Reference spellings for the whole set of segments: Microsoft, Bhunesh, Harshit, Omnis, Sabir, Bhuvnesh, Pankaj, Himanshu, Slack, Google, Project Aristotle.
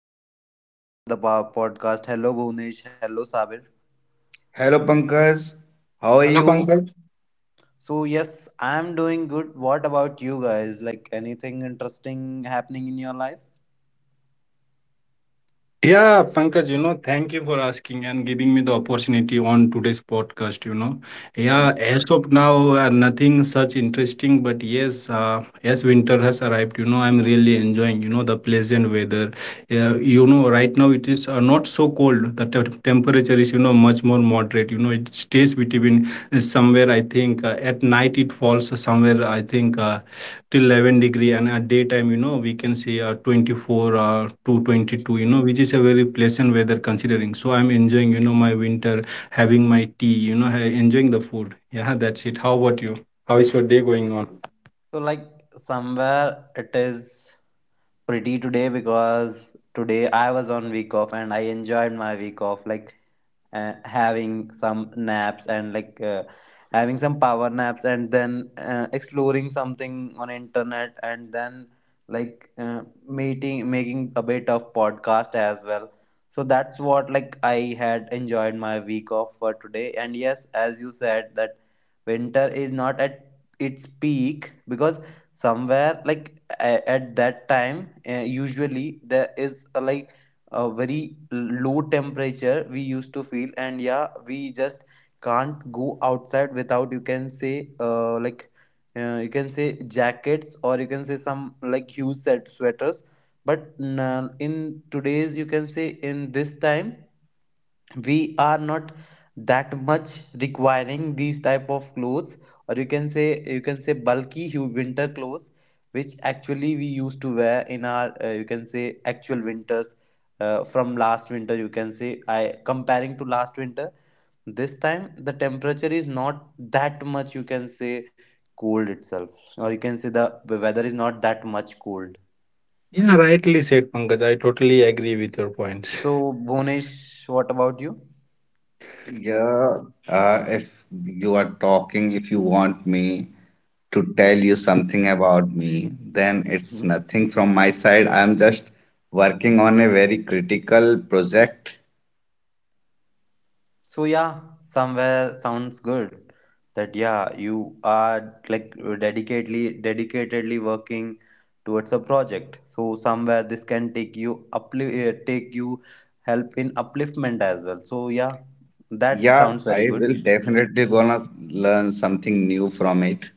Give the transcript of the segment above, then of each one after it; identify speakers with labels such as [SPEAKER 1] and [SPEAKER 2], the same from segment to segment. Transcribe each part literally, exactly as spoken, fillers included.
[SPEAKER 1] hello, welcome to the po- podcast. Hello, Bhunesh, hello, Sabir.
[SPEAKER 2] Hello Pankaj, how are
[SPEAKER 3] Hello,
[SPEAKER 2] you?
[SPEAKER 3] Pankaj.
[SPEAKER 1] So, yes, I'm doing good. What about you guys? Like, anything interesting happening in your life?
[SPEAKER 3] Yeah, Pankaj, you know, thank you for asking and giving me the opportunity on today's podcast. You know, yeah,
[SPEAKER 1] Hmm.
[SPEAKER 3] as of now, uh, nothing such interesting, but yes, uh, as winter has arrived, you know, I'm really enjoying, you know, the pleasant weather. Uh, you know, right now it is uh, not so cold. The te- temperature is, you know, much more moderate. You know, it stays between uh, somewhere, I think, uh, at night it falls somewhere, I think. Uh, till eleven degree, and at daytime, you know we can see uh, twenty-four or uh, to twenty-two, you know which is a very pleasant weather considering. So I'm enjoying, you know my winter, having my tea, you know ha- enjoying the food. Yeah, that's it. How about you? How is your day going on?
[SPEAKER 1] So, like, somewhere it is pretty today because today I was on week off and I enjoyed my week off. Like, uh, having some naps, and like uh, having some power naps, and then uh, exploring something on internet, and then like uh, meeting making a bit of podcast as well, so that's what like I had enjoyed my week off for today. And yes, as you said, that winter is not at its peak because somewhere like a- at that time uh, usually there is uh, like a very low temperature we used to feel, and yeah, we just can't go outside without you can say uh, like uh, you can say jackets, or you can say some like huge set sweaters. But n- in today's, you can say, in this time we are not that much requiring these type of clothes, or you can say you can say bulky hu- winter clothes which actually we used to wear in our uh, you can say actual winters. uh, from last winter, you can say, I comparing to last winter, this time the temperature is not that much, you can say, cold itself, or you can say the weather is not that much cold.
[SPEAKER 3] Yeah, rightly said, Pankaj. I totally agree with your points.
[SPEAKER 1] So, Bonish, what about you?
[SPEAKER 2] Yeah, uh, if you are talking, if you want me to tell you something about me, then it's nothing from my side. I'm just working on a very critical project.
[SPEAKER 1] So yeah, somewhere sounds good that yeah, you are like dedicatedly dedicatedly working towards a project. So somewhere this can take you uplift, uh, take you help in upliftment as well. So yeah, that
[SPEAKER 2] Yeah,
[SPEAKER 1] sounds
[SPEAKER 2] I
[SPEAKER 1] very good.
[SPEAKER 2] will definitely gonna learn something new from it.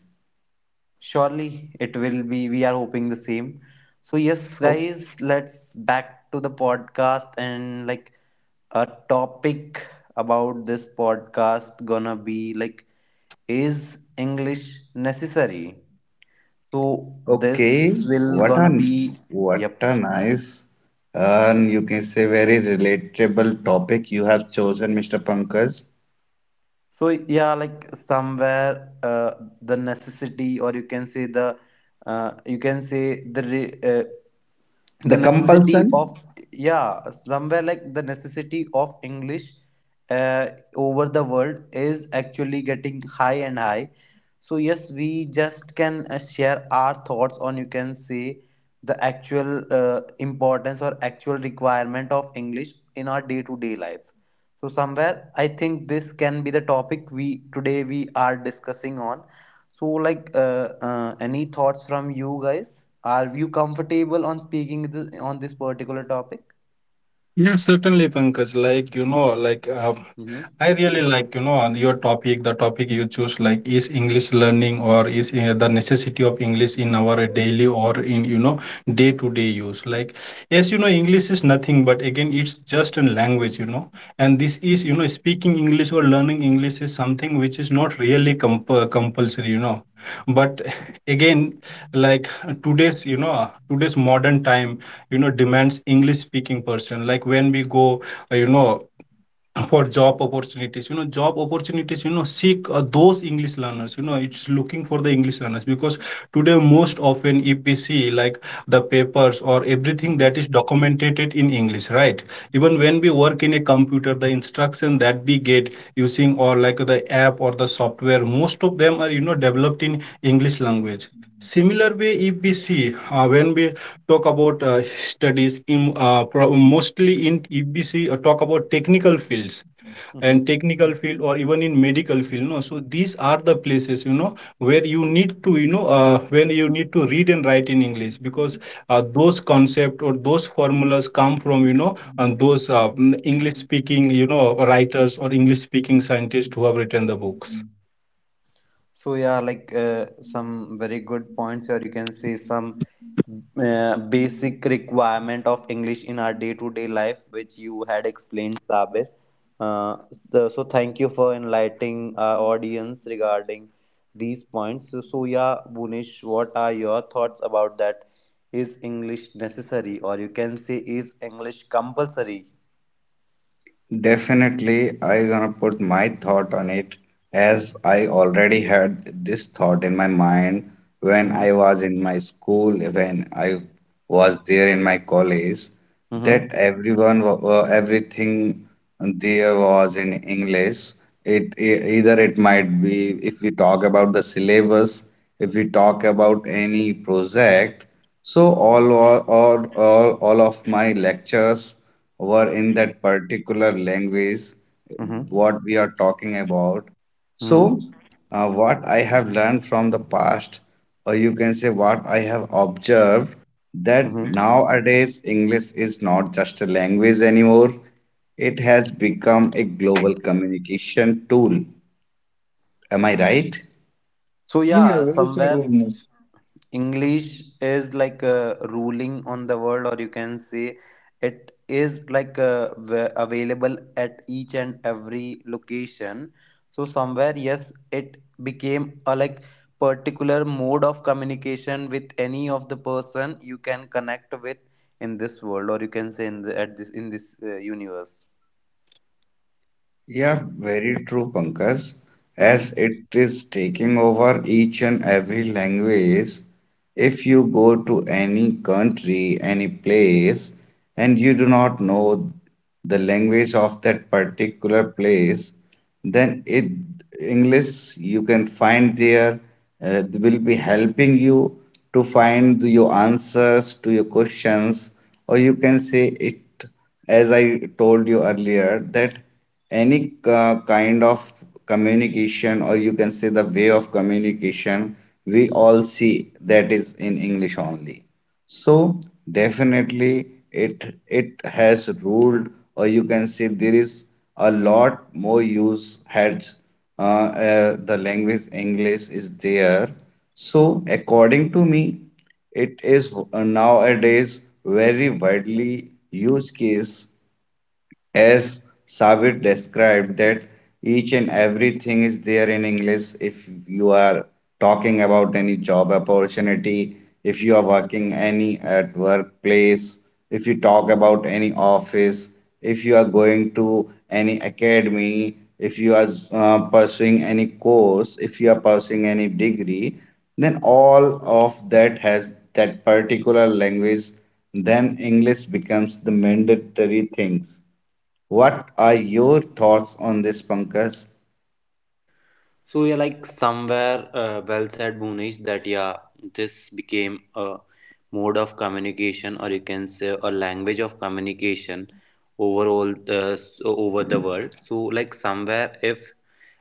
[SPEAKER 1] Surely it will be. We are hoping the same. So yes,
[SPEAKER 2] O-
[SPEAKER 1] guys, let's back to the podcast, and like a topic about this podcast gonna be like, is English necessary? So
[SPEAKER 2] Okay,
[SPEAKER 1] this will
[SPEAKER 2] what
[SPEAKER 1] gonna
[SPEAKER 2] a
[SPEAKER 1] be
[SPEAKER 2] what
[SPEAKER 1] yep.
[SPEAKER 2] a nice and you can say very relatable topic you have chosen, mister Pankaj.
[SPEAKER 1] So yeah, like somewhere uh, the necessity, or you can say the uh, you can say the re- uh,
[SPEAKER 2] The
[SPEAKER 1] the necessity
[SPEAKER 2] compulsion,
[SPEAKER 1] of, yeah, somewhere like the necessity of English uh, over the world is actually getting high and high. So yes, we just can uh, share our thoughts on, you can say, the actual uh, importance or actual requirement of English in our day to day life. So somewhere I think this can be the topic we today we are discussing on. So, like, uh, uh, any thoughts from you guys? Are you comfortable on speaking th- on this particular topic?
[SPEAKER 3] Yeah, certainly, Pankaj, like, you know like um,
[SPEAKER 1] Mm-hmm.
[SPEAKER 3] I really like, you know, on your topic, the topic you choose, like, is English learning, or is, uh, the necessity of English in our daily, or in, you know, day to day use. Like, yes, you know, English is nothing, but again, it's just a language, you know. And this is, you know, speaking English or learning English is something which is not really comp- uh, compulsory, you know. But again, like, today's, you know, today's modern time, you know, demands English speaking person. Like when we go, uh, you know, for job opportunities you know job opportunities, you know seek, uh, those English learners, you know it's looking for the English learners, because today most often if we see, like, the papers or everything
[SPEAKER 1] Mm-hmm.
[SPEAKER 3] that is documented in English, right? Even when we work in a computer, the instruction that we get using, or like the app or the software, most of them are, you know developed in English language. Similar way, if we see, uh, when we talk about, uh, studies in, uh, pro- mostly, in if we see, uh, talk about technical fields
[SPEAKER 1] Mm-hmm.
[SPEAKER 3] and technical field, or even in medical field, no. So these are the places, you know where you need to, you know uh, when you need to read and write in English, because, uh, those concept or those formulas come from, you know and those, uh, mm, English speaking, you know writers, or English speaking scientists who have written the books.
[SPEAKER 1] So yeah, like uh, some very good points, or you can say some uh, basic requirement of English in our day-to-day life, which you had explained, Sabir. Uh, the, so thank you for enlightening our audience regarding these points. So, so yeah, Bunish, what are your thoughts about that? Is English necessary, or you can say, is English compulsory?
[SPEAKER 2] definitely, I gonna put my thought on it as I already had this thought in my mind when
[SPEAKER 1] Mm-hmm.
[SPEAKER 2] I was in my school, when I was there in my college. That
[SPEAKER 1] Mm-hmm.
[SPEAKER 2] everyone wa- wa- everything there was in English. It, e- either it might be if we talk about the syllabus, if we talk about any project. So all or all, all, all of my lectures were in that particular language
[SPEAKER 1] Mm-hmm.
[SPEAKER 2] what we are talking about.
[SPEAKER 1] Mm-hmm.
[SPEAKER 2] So, uh, what I have learned from the past, or you can say what I have observed, that
[SPEAKER 1] Mm-hmm.
[SPEAKER 2] nowadays English is not just a language anymore, it has become a global communication tool. Am I right?
[SPEAKER 1] So
[SPEAKER 3] Yeah,
[SPEAKER 1] yeah,
[SPEAKER 3] well said,
[SPEAKER 1] somewhere
[SPEAKER 3] Omnis.
[SPEAKER 1] English is like uh, ruling on the world, or you can say it is like uh, wa- available at each and every location. So somewhere, yes, it became a like particular mode of communication with any of the person you can connect with in this world, or you can say in the, at this in this uh, universe.
[SPEAKER 2] Yeah, very true, Pankaj. As
[SPEAKER 1] Hmm.
[SPEAKER 2] it is taking over each and every language, if you go to any country, any place, and you do not know the language of that particular place, then it English you can find there uh, will be helping you to find your answers to your questions, or you can say it, as I told you earlier, that any uh, kind of communication, or you can say the way of communication, we all see that is in English only. So definitely it it has ruled, or you can say there is a lot more use heads uh, uh, the language English is there. So according to me, it is nowadays very widely used case as Sabir described, that each and everything is there in English. If you are talking about any job opportunity, if you are working any at workplace, if you talk about any office, if you are going to any academy, if you are uh, pursuing any course, if you are pursuing any degree, then all of that has that particular language, then English becomes the mandatory things. What are your thoughts on this, Pankaj?
[SPEAKER 1] So yeah, like somewhere uh, well said, Bhunesh, that yeah, this became a mode of communication, or you can say a language of communication overall uh, s- over the world. So like somewhere, if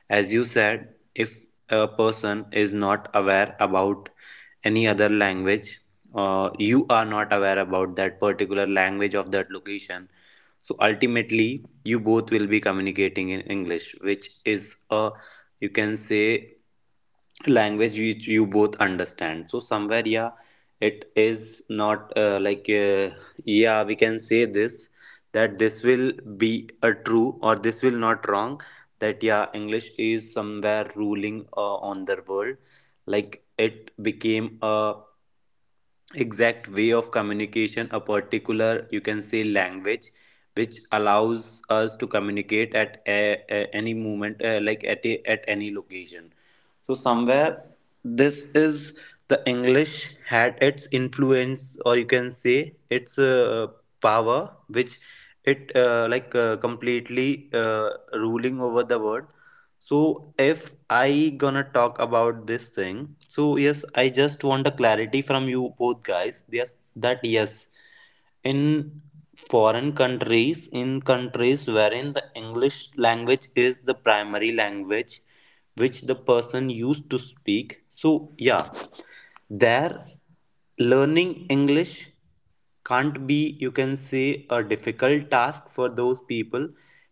[SPEAKER 1] as you said, if a person is not aware about any other language, uh, you are not aware about that particular language of that location, so ultimately you both will be communicating in English, which is a, you can say, language which you both understand. So somewhere yeah, it is not uh, like uh, yeah, we can say this, that this will be a true, or this will not wrong, that yeah, English is somewhere ruling uh, on the world. Like it became a exact way of communication, a particular, you can say, language, which allows us to communicate at a, a- any moment, uh, like at, a, at any location. So, somewhere this is the English had its influence, or you can say its uh, power, which it uh, like uh, completely uh, ruling over the world. So if I gonna talk about this thing, so yes, I just want a clarity from you both guys. Yes, that yes, in foreign countries, in countries wherein the English language is the primary language which the person used to speak. So, yeah, there learning English can't be, you can say, a difficult task for those people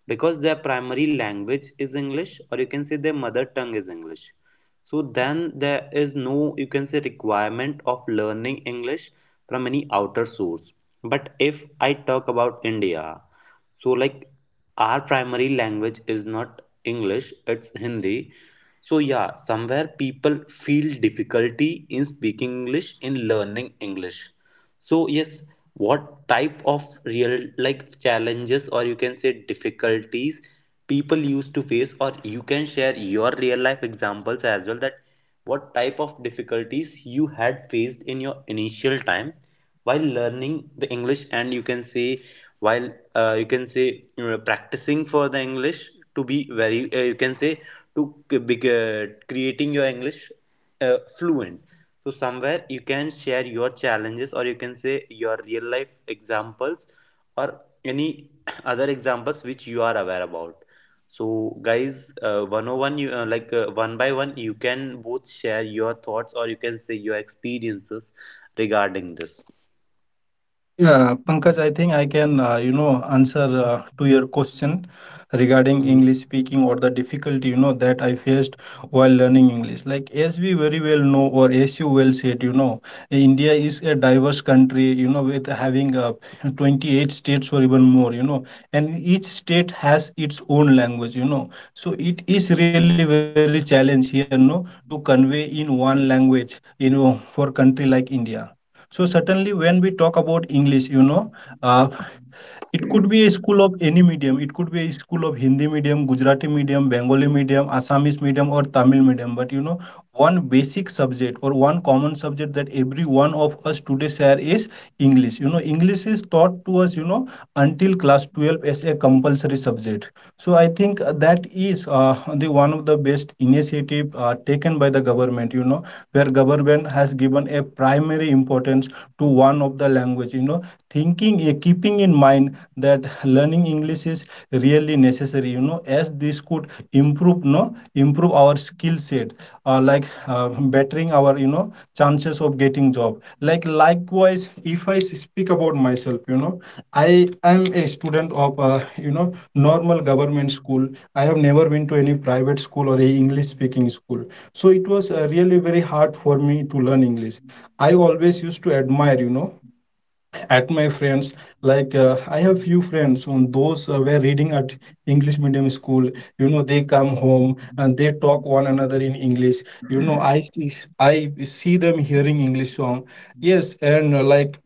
[SPEAKER 1] because their primary language is English, or you can say their mother tongue is English. So, then there is no, you can say, requirement of learning English from any outer source. But if I talk about India, so like our primary language is not English, it's Hindi. So yeah, somewhere people feel difficulty in speaking English, in learning English. So yes, what type of real like challenges, or you can say difficulties people used to face, or you can share your real life examples as well, that what type of difficulties you had faced in your initial time while learning the English, and you can say while uh, you can say, you know, practicing for the English to be very uh, you can say to be- uh, creating your English uh, fluent. So somewhere you can share your challenges, or you can say your real life examples, or any other examples which you are aware about. So guys, uh, one oh one you uh, like uh, one by one, you can both share your thoughts, or you can say your experiences regarding this.
[SPEAKER 3] Yeah, Pankaj, I think I can, uh, you know, answer uh, to your question regarding
[SPEAKER 1] Mhm.
[SPEAKER 3] English speaking, or the difficulty, you know, that I faced while learning English. Like, as we very well know, or as you well said, you know, India is a diverse country, you know, with having uh, twenty-eight states or even more, you know, and each state has its own language, you know. So it is really very challenge here, no, to convey in one language, you know, for country like India. So certainly when we talk about English, you know, uh, it could be a school of any medium. It could be a school of Hindi medium, Gujarati medium, Bengali medium, Assamese medium, or Tamil medium. But you know, one basic subject, or one common subject that every one of us today share, is English. You know, English is taught to us, you know, until class twelve as a compulsory subject. So I think uh, that is uh, the one of the best initiative uh, taken by the government, you know, where government has given a primary importance to one of the language, you know thinking, uh, keeping in mind that learning English is really necessary, you know as this could improve no improve our skill set, uh, like uh, bettering our, you know chances of getting job. Like likewise, if I speak about myself, you know I am a student of, uh, you know normal government school. I have never been to any private school or a English speaking school. So it was uh, really very hard for me to learn English. I always used to admire, you know at my friends. Like, uh, I have few friends on those, uh, were reading at English medium school. You know, they come home and they talk one another in English. You know, i see I see them hearing English song. Yes. And, uh, like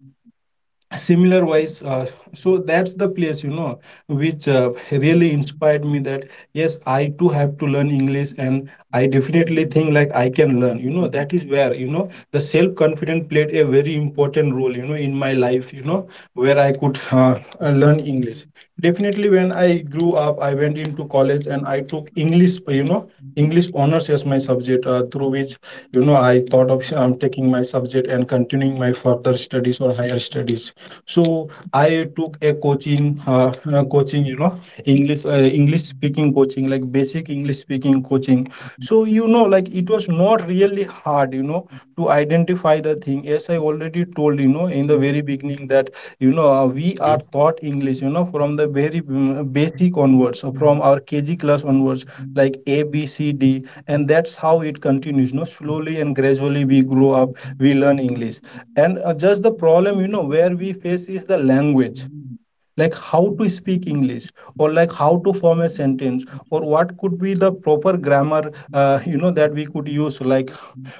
[SPEAKER 3] similar wise, uh, so that's the place, you know which uh, really inspired me, that yes, I too have to learn English, and I definitely think like I can learn. You know, that is where, you know the self confidence played a very important role, you know in my life, you know, where I could, uh, uh, learn English. Definitely, when I grew up, I went into college, and I took English, you know English honors as my subject, uh, through which, you know I thought of um, taking my subject and continuing my further studies or higher studies. So I took a coaching, uh, uh, coaching, you know, English, uh, English speaking coaching, like basic English speaking coaching. So you know, like it was not really hard, you know, to identify the thing. As I already told, you know, in the very beginning, that, you know uh, we are
[SPEAKER 1] Mhm.
[SPEAKER 3] taught English, you know, from the very mm, basic onwards, uh, from our K G class onwards, like A, B, C, D, and that's how it continues. You know, slowly and gradually we grow up, we learn English. And uh, just the problem, you know, where we face is the language, like how to speak English, or like how to form a sentence, or what could be the proper grammar, uh, you know, that we could use, like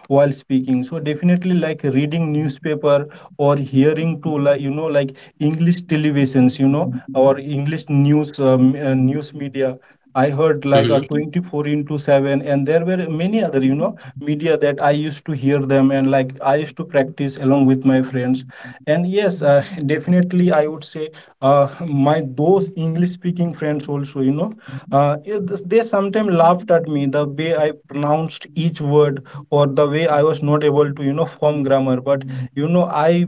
[SPEAKER 3] while speaking. So definitely, like, reading newspaper, or hearing to, like you know like English televisions, you know or English news, um, uh, news media. I heard like a
[SPEAKER 1] Mhm.
[SPEAKER 3] twenty-four into seven, and there were many other, you know media, that I used to hear them, and like I used to practice along with my friends. And yes, uh, definitely I would say, uh, my those English speaking friends also, you know uh, it- they sometimes laughed at me, the way I pronounced each word, or the way I was not able to, you know form grammar. But, you know I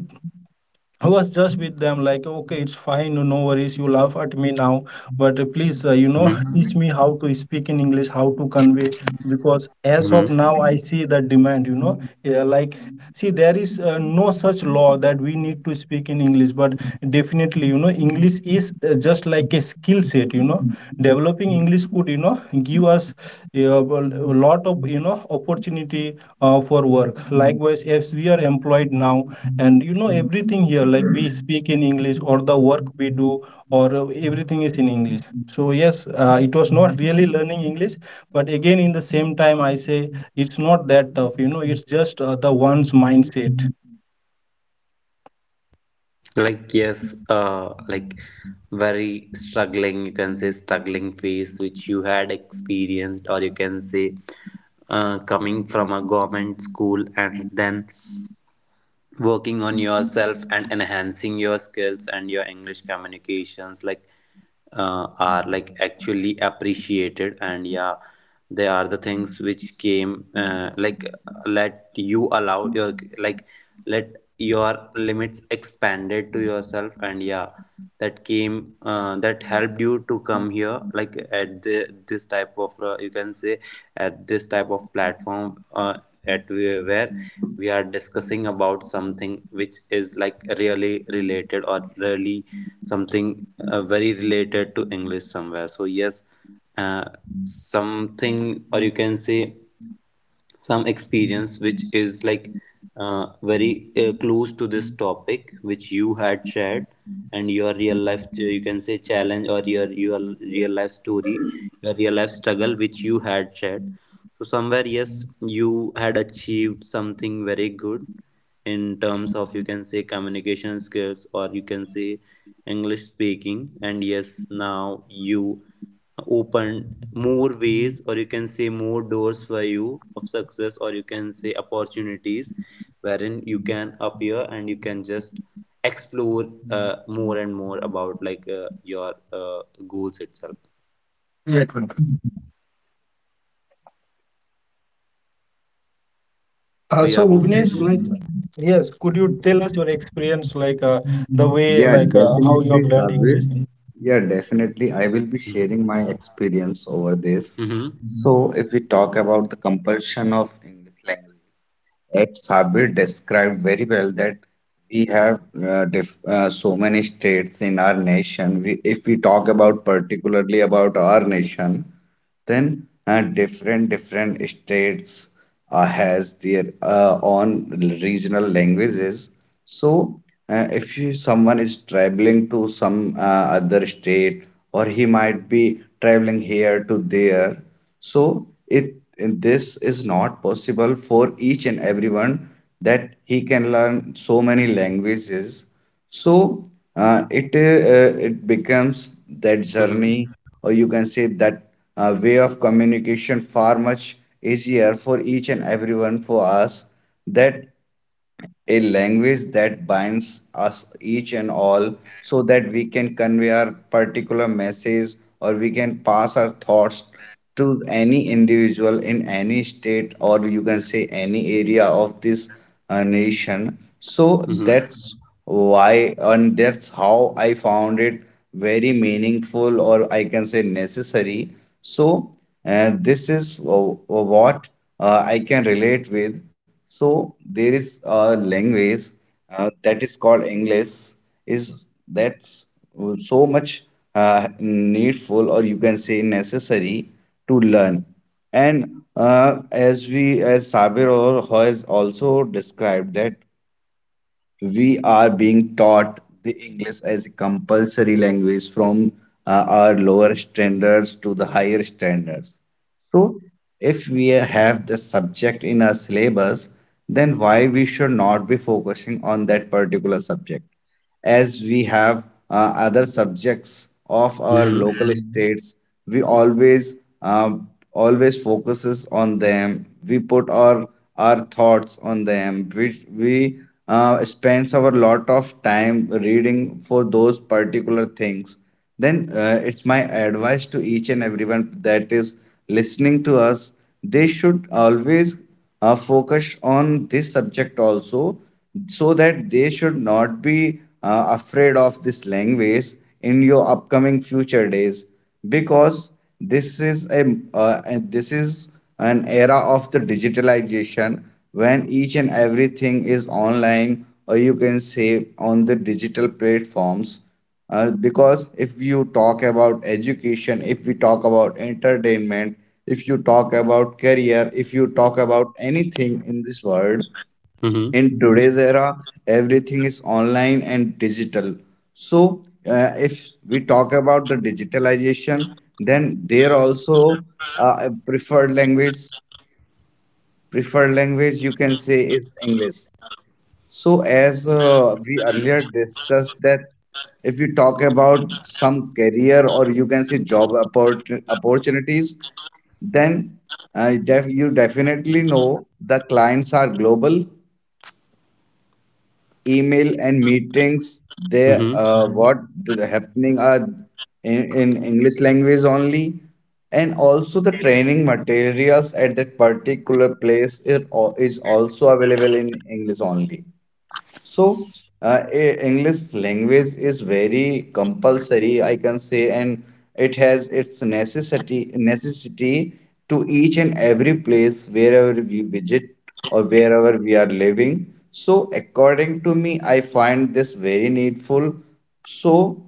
[SPEAKER 3] I was just with them like, okay, it's fine, no, no worries. You laugh at me now, but uh, please, uh, you know,
[SPEAKER 1] Mhm.
[SPEAKER 3] teach me how to speak in English, how to convey. Because as of
[SPEAKER 1] Mhm.
[SPEAKER 3] now, I see the demand. You know, yeah, like, see, there is uh, no such law that we need to speak in English, but definitely, you know, English is uh, just like a skill set. You know, developing English could, you know, give us, uh, well, a lot of, you know, opportunity uh, for work. Likewise, as we are employed now, and you know everything here, like we speak in English, or the work we do, or uh, everything is in English. So yes, uh, it was not really learning English, but again, in the same time I say, it's not that tough. You know, it's just uh, the one's mindset.
[SPEAKER 1] Like yes, uh, like very struggling. You can say struggling phase which you had experienced, or you can say uh, coming from a government school, and then working on yourself and enhancing your skills and your English communications. Like uh, are like actually appreciated, and yeah, they are the things which came uh, like let you allow your like let your limits expanded to yourself, and yeah, that came uh, that helped you to come here like at the, this type of uh, you can say at this type of platform, uh, at where where we are discussing about something which is like really related, or really something uh, very related to English somewhere. So yes, uh, something, or you can say some experience which is like uh, very uh, close to this topic which you had shared, and your real life ch- you can say challenge, or your your real life story, your real life struggle which you had shared. So somewhere yes, you had achieved something very good in terms of, you can say, communication skills, or you can say English speaking, and yes, now you open more ways, or you can say more doors for you of success, or you can say opportunities wherein you can appear and you can just explore uh, more and more about like uh, your uh, goals itself.
[SPEAKER 3] Right, Pankaj.
[SPEAKER 1] So
[SPEAKER 3] Uh, so
[SPEAKER 1] yeah,
[SPEAKER 3] Bhuvnesh,
[SPEAKER 1] Bhuvnesh.
[SPEAKER 3] like, yes, could you tell us your experience, like, uh, the way
[SPEAKER 2] Yeah,
[SPEAKER 3] like uh, how you
[SPEAKER 2] definitely,
[SPEAKER 3] have learned
[SPEAKER 2] Sabir.
[SPEAKER 3] English?
[SPEAKER 2] Yeah, definitely. I will be
[SPEAKER 1] Mm-hmm.
[SPEAKER 2] sharing my experience over this.
[SPEAKER 1] Mm-hmm.
[SPEAKER 2] So, if we talk about the compulsion of English language, at Sabir described very well that we have uh, diff uh, so many states in our nation. We, if we talk about particularly about our nation, then uh, different different states uh, has their uh, own regional languages. So uh, if you, someone is traveling to some uh, other state, or he might be traveling here to there, so it this is not possible for each and everyone that he can learn so many languages. So uh, it uh, it becomes that
[SPEAKER 1] Mm-hmm.
[SPEAKER 2] journey, or you can say that uh, way of communication far much easier for each and everyone for us, that a language that binds us each and all so that we can convey our particular message or we can pass our thoughts to any individual in any state, or you can say any area of this uh, nation. So
[SPEAKER 1] Mm-hmm.
[SPEAKER 2] that's why and that's how I found it very meaningful, or I can say necessary. So, and this is uh, uh, what uh, I can relate with. So there is a language uh, that is called English. Is that's so much uh, needful, or you can say necessary to learn. And uh, as we, as Sabir or has also described, that we are being taught the English as a compulsory language from uh, our lower standards to the higher standards. So, if we have the subject in our syllabus, then why we should not be focusing on that particular subject? As we have uh, other subjects of our local
[SPEAKER 1] Mm-hmm.
[SPEAKER 2] states, we always um, always focuses on them. We put our our thoughts on them. We we uh, spends our lot of time reading for those particular things, then uh, it's my advice to each and everyone that is listening to us, they should always uh, focus on this subject also, so that they should not be uh, afraid of this language in your upcoming future days, because this is a uh, and this is an era of the digitalization when each and everything is online, or you can say on the digital platforms. Uh, because if you talk about education, if we talk about entertainment, if you talk about career, if you talk about anything in this world,
[SPEAKER 1] Mm-hmm.
[SPEAKER 2] in today's era, everything is online and digital. So, uh, if we talk about the digitalization, then there also uh, a preferred language, preferred language you can say is English. So, as uh, we earlier discussed, that if you talk about some career, or you can say job oppor- opportunities, then uh, def you definitely know the clients are global. Email and meetings, they
[SPEAKER 1] Mm-hmm.
[SPEAKER 2] uh, what th- happening are in, in English language only, and also the training materials at that particular place it al- is also available in English only. So, uh, e- English language is very compulsory, I can say, and it has its necessity necessity to each and every place wherever we visit or wherever we are living. So, according to me, I find this very needful. So,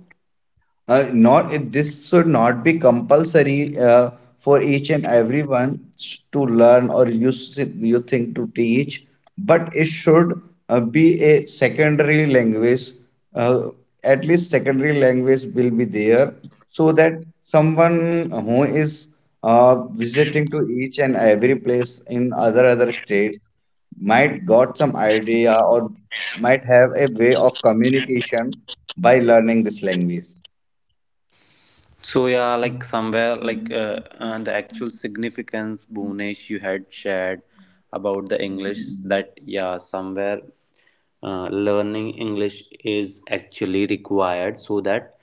[SPEAKER 2] uh, not it, this should not be compulsory uh, for each and everyone s- to learn or you s- you think to teach, but it should uh, be a secondary language. uh, at least secondary language will be there, so that someone who is uh, visiting to each and every place in other other states might got some idea or might have a way of communication by learning this language.
[SPEAKER 1] So yeah, like somewhere like uh, uh, the actual significance, Bhunesh, you had shared about the English that yeah, somewhere uh, learning English is actually required so that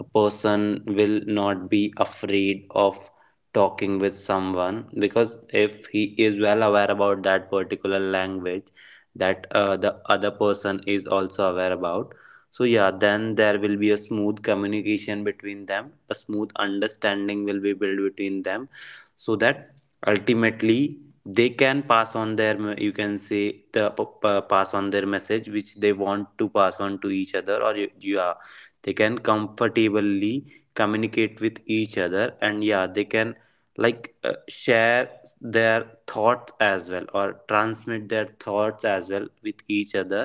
[SPEAKER 1] a person will not be afraid of talking with someone, because if he is well aware about that particular language, that uh, the other person is also aware about, so yeah, then there will be a smooth communication between them, a smooth understanding will be built between them, so that ultimately they can pass on their m- you can say the p- p- pass on their message which they want to pass on to each other. Or y- yeah, they can comfortably communicate with each other, and yeah, they can like uh, share their thoughts as well, or transmit their thoughts as well with each other,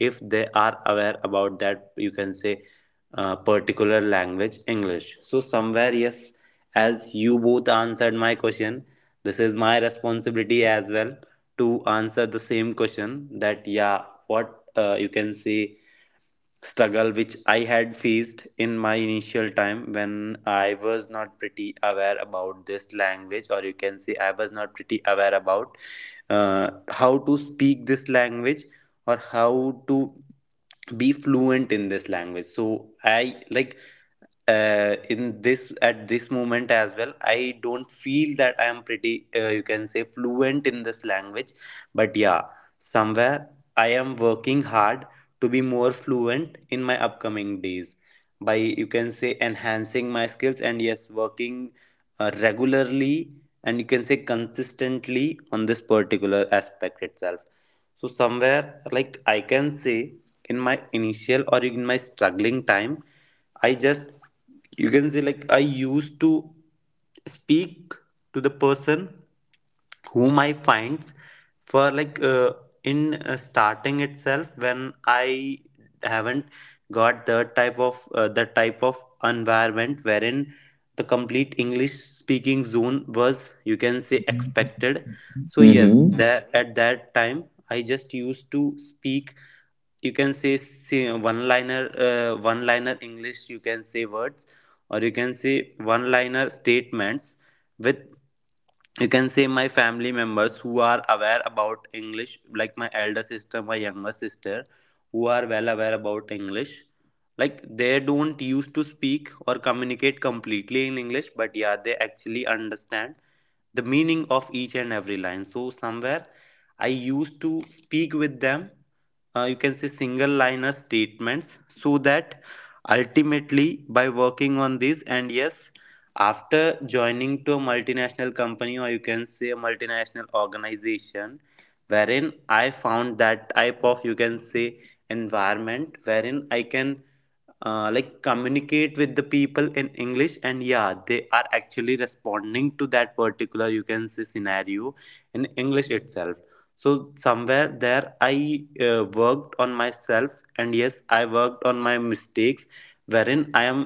[SPEAKER 1] if they are aware about that, you can say, uh, particular language English. So somewhere yes, as you both answered my question, this is my responsibility as well to answer the same question, that yeah, what uh, you can say struggle which I had faced in my initial time when I was not pretty aware about this language, or you can say I was not pretty aware about uh, how to speak this language, or how to be fluent in this language. So I like uh, in this at this moment as well, I don't feel that I am pretty uh, you can say fluent in this language. But yeah, somewhere I am working hard to be more fluent in my upcoming days by, you can say, enhancing my skills, and yes, working uh, regularly, and you can say consistently on this particular aspect itself. So somewhere like I can say in my initial or in my struggling time, I just, you can say like, I used to speak to the person whom I find for like uh, in uh, starting itself when I haven't got that type of uh, that type of environment wherein the complete English speaking zone was you can say expected. So yes,
[SPEAKER 2] Mm-hmm.
[SPEAKER 1] that at that time I just used to speak you can say, say one liner uh, one liner English you can say words, or you can say one liner statements with you can say my family members who are aware about English, like my elder sister, my younger sister, who are well aware about English. Like, they don't used to speak or communicate completely in English, but yeah, they actually understand the meaning of each and every line. So somewhere I used to speak with them, uh, you can say single liner statements, so that ultimately by working on this, and yes, after joining to a multinational company, or you can say a multinational organization, wherein I found that type of you can say environment wherein I can uh, like communicate with the people in English, and yeah, they are actually responding to that particular you can say scenario in English itself. So somewhere there I uh, worked on myself, and yes, I worked on my mistakes, wherein I am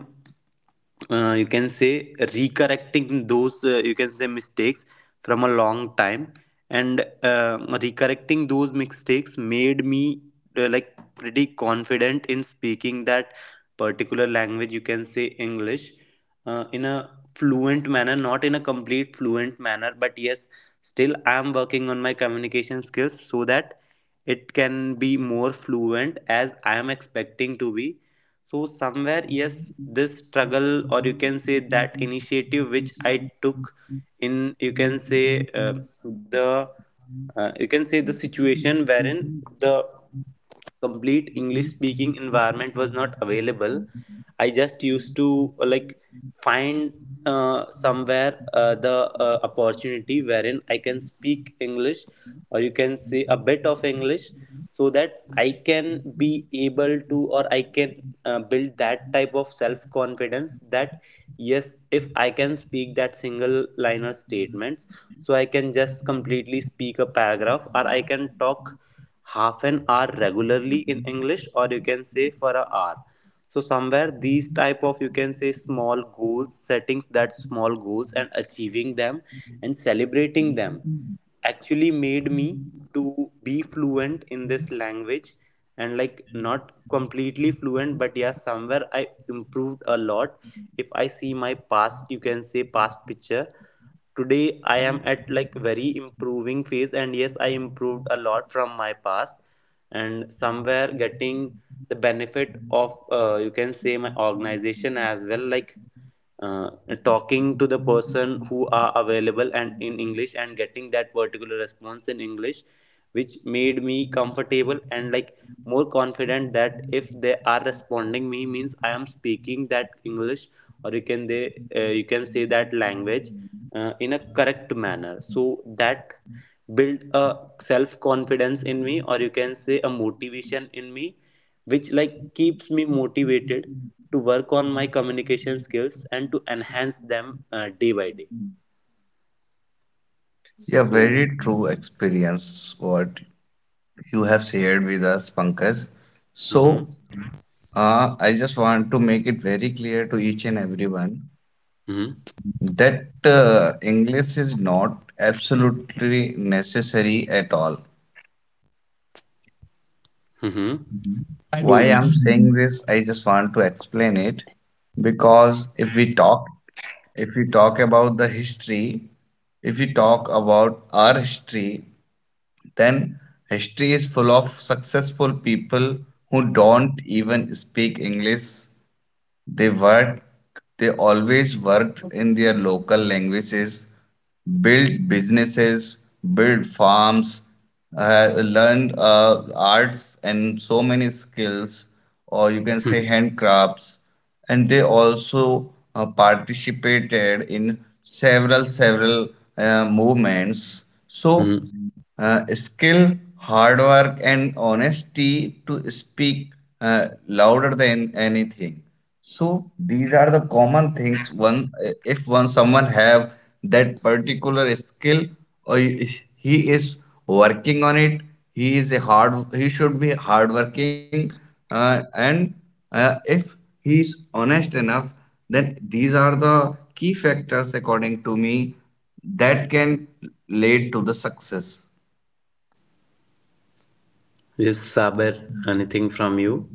[SPEAKER 1] uh, you can say recorrecting those uh, you can say mistakes from a long time. And uh, recorrecting those mistakes made me uh, like pretty confident in speaking that particular language, you can say English, uh, in a fluent manner, not in a complete fluent manner, but yes, still I am working on my communication skills so that it can be more fluent as I am expecting to be. So somewhere, yes, this struggle, or you can say that initiative which I took in you can say uh, the uh, you can say the situation wherein the complete English speaking environment was not available, I just used to uh, like find uh, somewhere uh, the uh, opportunity wherein I can speak English, or you can say a bit of English, so that I can be able to, or I can uh, build that type of self confidence that yes, if I can speak that single liner statements, so I can just completely speak a paragraph, or I can talk half an hour regularly in English, or you can say for an hour. So somewhere these type of you can say small goals setting that small goals and achieving them and celebrating them actually made me to be fluent in this language. And like, not completely fluent, but yeah, somewhere I improved a lot. If I see my past, you can say past picture, today I am at like very improving phase, and yes, I improved a lot from my past. And somewhere getting the benefit of uh, you can say my organization as well, like uh, talking to the person who are available and in English, and getting that particular response in English, which made me comfortable and like more confident that if they are responding me means I am speaking that English, or you can they uh, you can say that language uh, in a correct manner, so that built a self confidence in me, or you can say a motivation in me, which like keeps me motivated to work on my communication skills and to enhance them uh, day by day.
[SPEAKER 2] Yeah,
[SPEAKER 1] So,
[SPEAKER 2] very true experience what you have shared with us, Pankaj.
[SPEAKER 1] mm-hmm,
[SPEAKER 2] So, uh, I just want to make it very clear to each and everyone
[SPEAKER 1] mm-hmm,
[SPEAKER 2] that uh, English is not absolutely necessary at all.
[SPEAKER 1] mm-hmm,
[SPEAKER 2] Why I'm saying this, I just want to explain it because if we talk, if we talk about the history, if we talk about our history, then history is full of successful people who don't even speak English. They work, they always worked in their local languages, built businesses, built farms, uh, learned uh, arts and so many skills, or you can say handcrafts. And they also uh, participated in several, several uh, movements. So,
[SPEAKER 1] mm-hmm.
[SPEAKER 2] uh, skill, hard work, and honesty to speak uh, louder than anything. So these are the common things. One If one someone have that particular skill, or he he is working on it, he is a hard he should be hardworking, uh, and uh, if he is honest enough, then these are the key factors according to me that can lead to the success.
[SPEAKER 1] Yes, Saber, anything from you?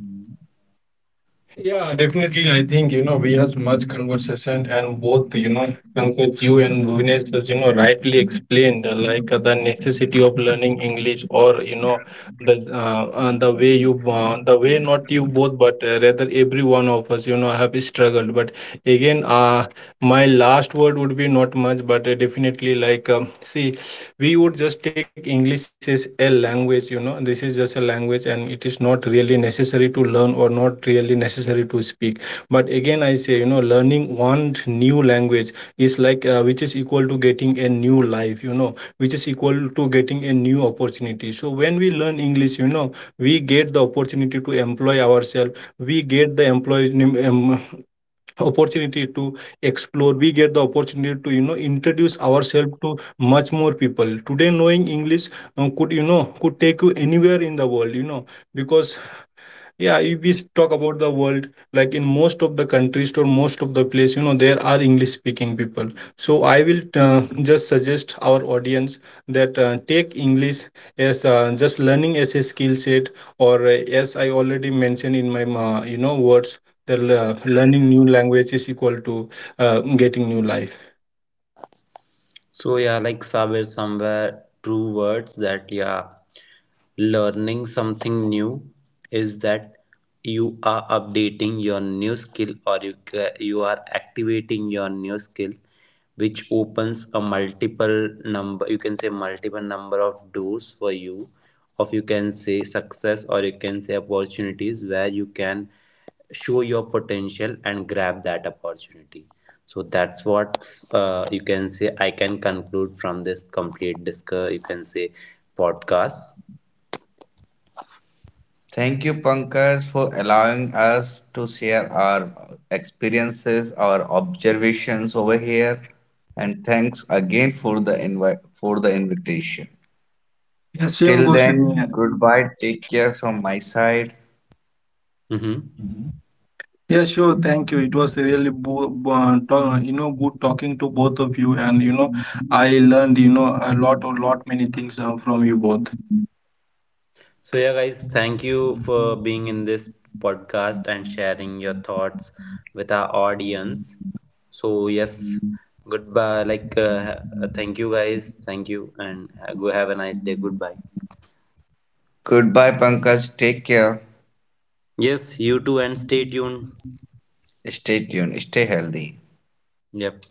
[SPEAKER 3] Yeah, definitely. I think, you know, we had much conversation, and both, you know, both you and Bhuvanesh has, you know, rightly explained uh, like uh, the necessity of learning English, or, you know, the, uh, uh, the way you, uh, the way not you both, but uh, rather every one of us, you know, have struggled. But again, uh, my last word would be not much, but uh, definitely, like, um, see, we would just take English as a language. You know, this is just a language, and it is not really necessary to learn, or not really necessary to speak. But again I say, you know learning one new language is like, uh, which is equal to getting a new life. You know, which is equal to getting a new opportunity. So when we learn English, you know we get the opportunity to employ ourselves. We get the employ um, opportunity to explore. We get the opportunity to, you know introduce ourselves to much more people. Today, knowing English, uh, could, you know could take you anywhere in the world, you know. Because, yeah, if we s- talk about the world, like, in most of the countries or most of the place, you know, there are English speaking people. So I will, uh, just suggest our audience that uh, take English as, uh, just learning as a skill set, or, uh, as I already mentioned in my, uh, you know words, that uh, learning new language is equal to, uh, getting new life.
[SPEAKER 1] So yeah, like somewhere somewhere true words that yeah, learning something new is that you are updating your new skill, or you ca- you are activating your new skill, which opens a multiple number you can say multiple number of doors for you of you can say success, or you can say opportunities where you can show your potential and grab that opportunity. So that's what uh, you can say, I can conclude from this complete discuss, you can say podcast.
[SPEAKER 2] Thank you, Pankaj, for allowing us to share our experiences, our observations over here, and thanks again for the invite for the invitation.
[SPEAKER 3] Yeah, same
[SPEAKER 2] Till
[SPEAKER 3] goes with me.
[SPEAKER 2] then, goodbye. Take care from my side.
[SPEAKER 1] Mm-hmm.
[SPEAKER 3] Yeah, sure. Thank you. It was really bo bo- to- you know good talking to both of you, and you know I learned, you know a lot, a lot many things uh, from you both.
[SPEAKER 1] So yeah, guys, thank you for being in this podcast and sharing your thoughts with our audience. So yes, goodbye. Like, uh, thank you, guys. Thank you, and go have a nice day. Goodbye.
[SPEAKER 2] Goodbye, Pankaj. Take care.
[SPEAKER 1] Yes, you too, and stay tuned.
[SPEAKER 2] Stay tuned. Stay healthy.
[SPEAKER 1] Yep.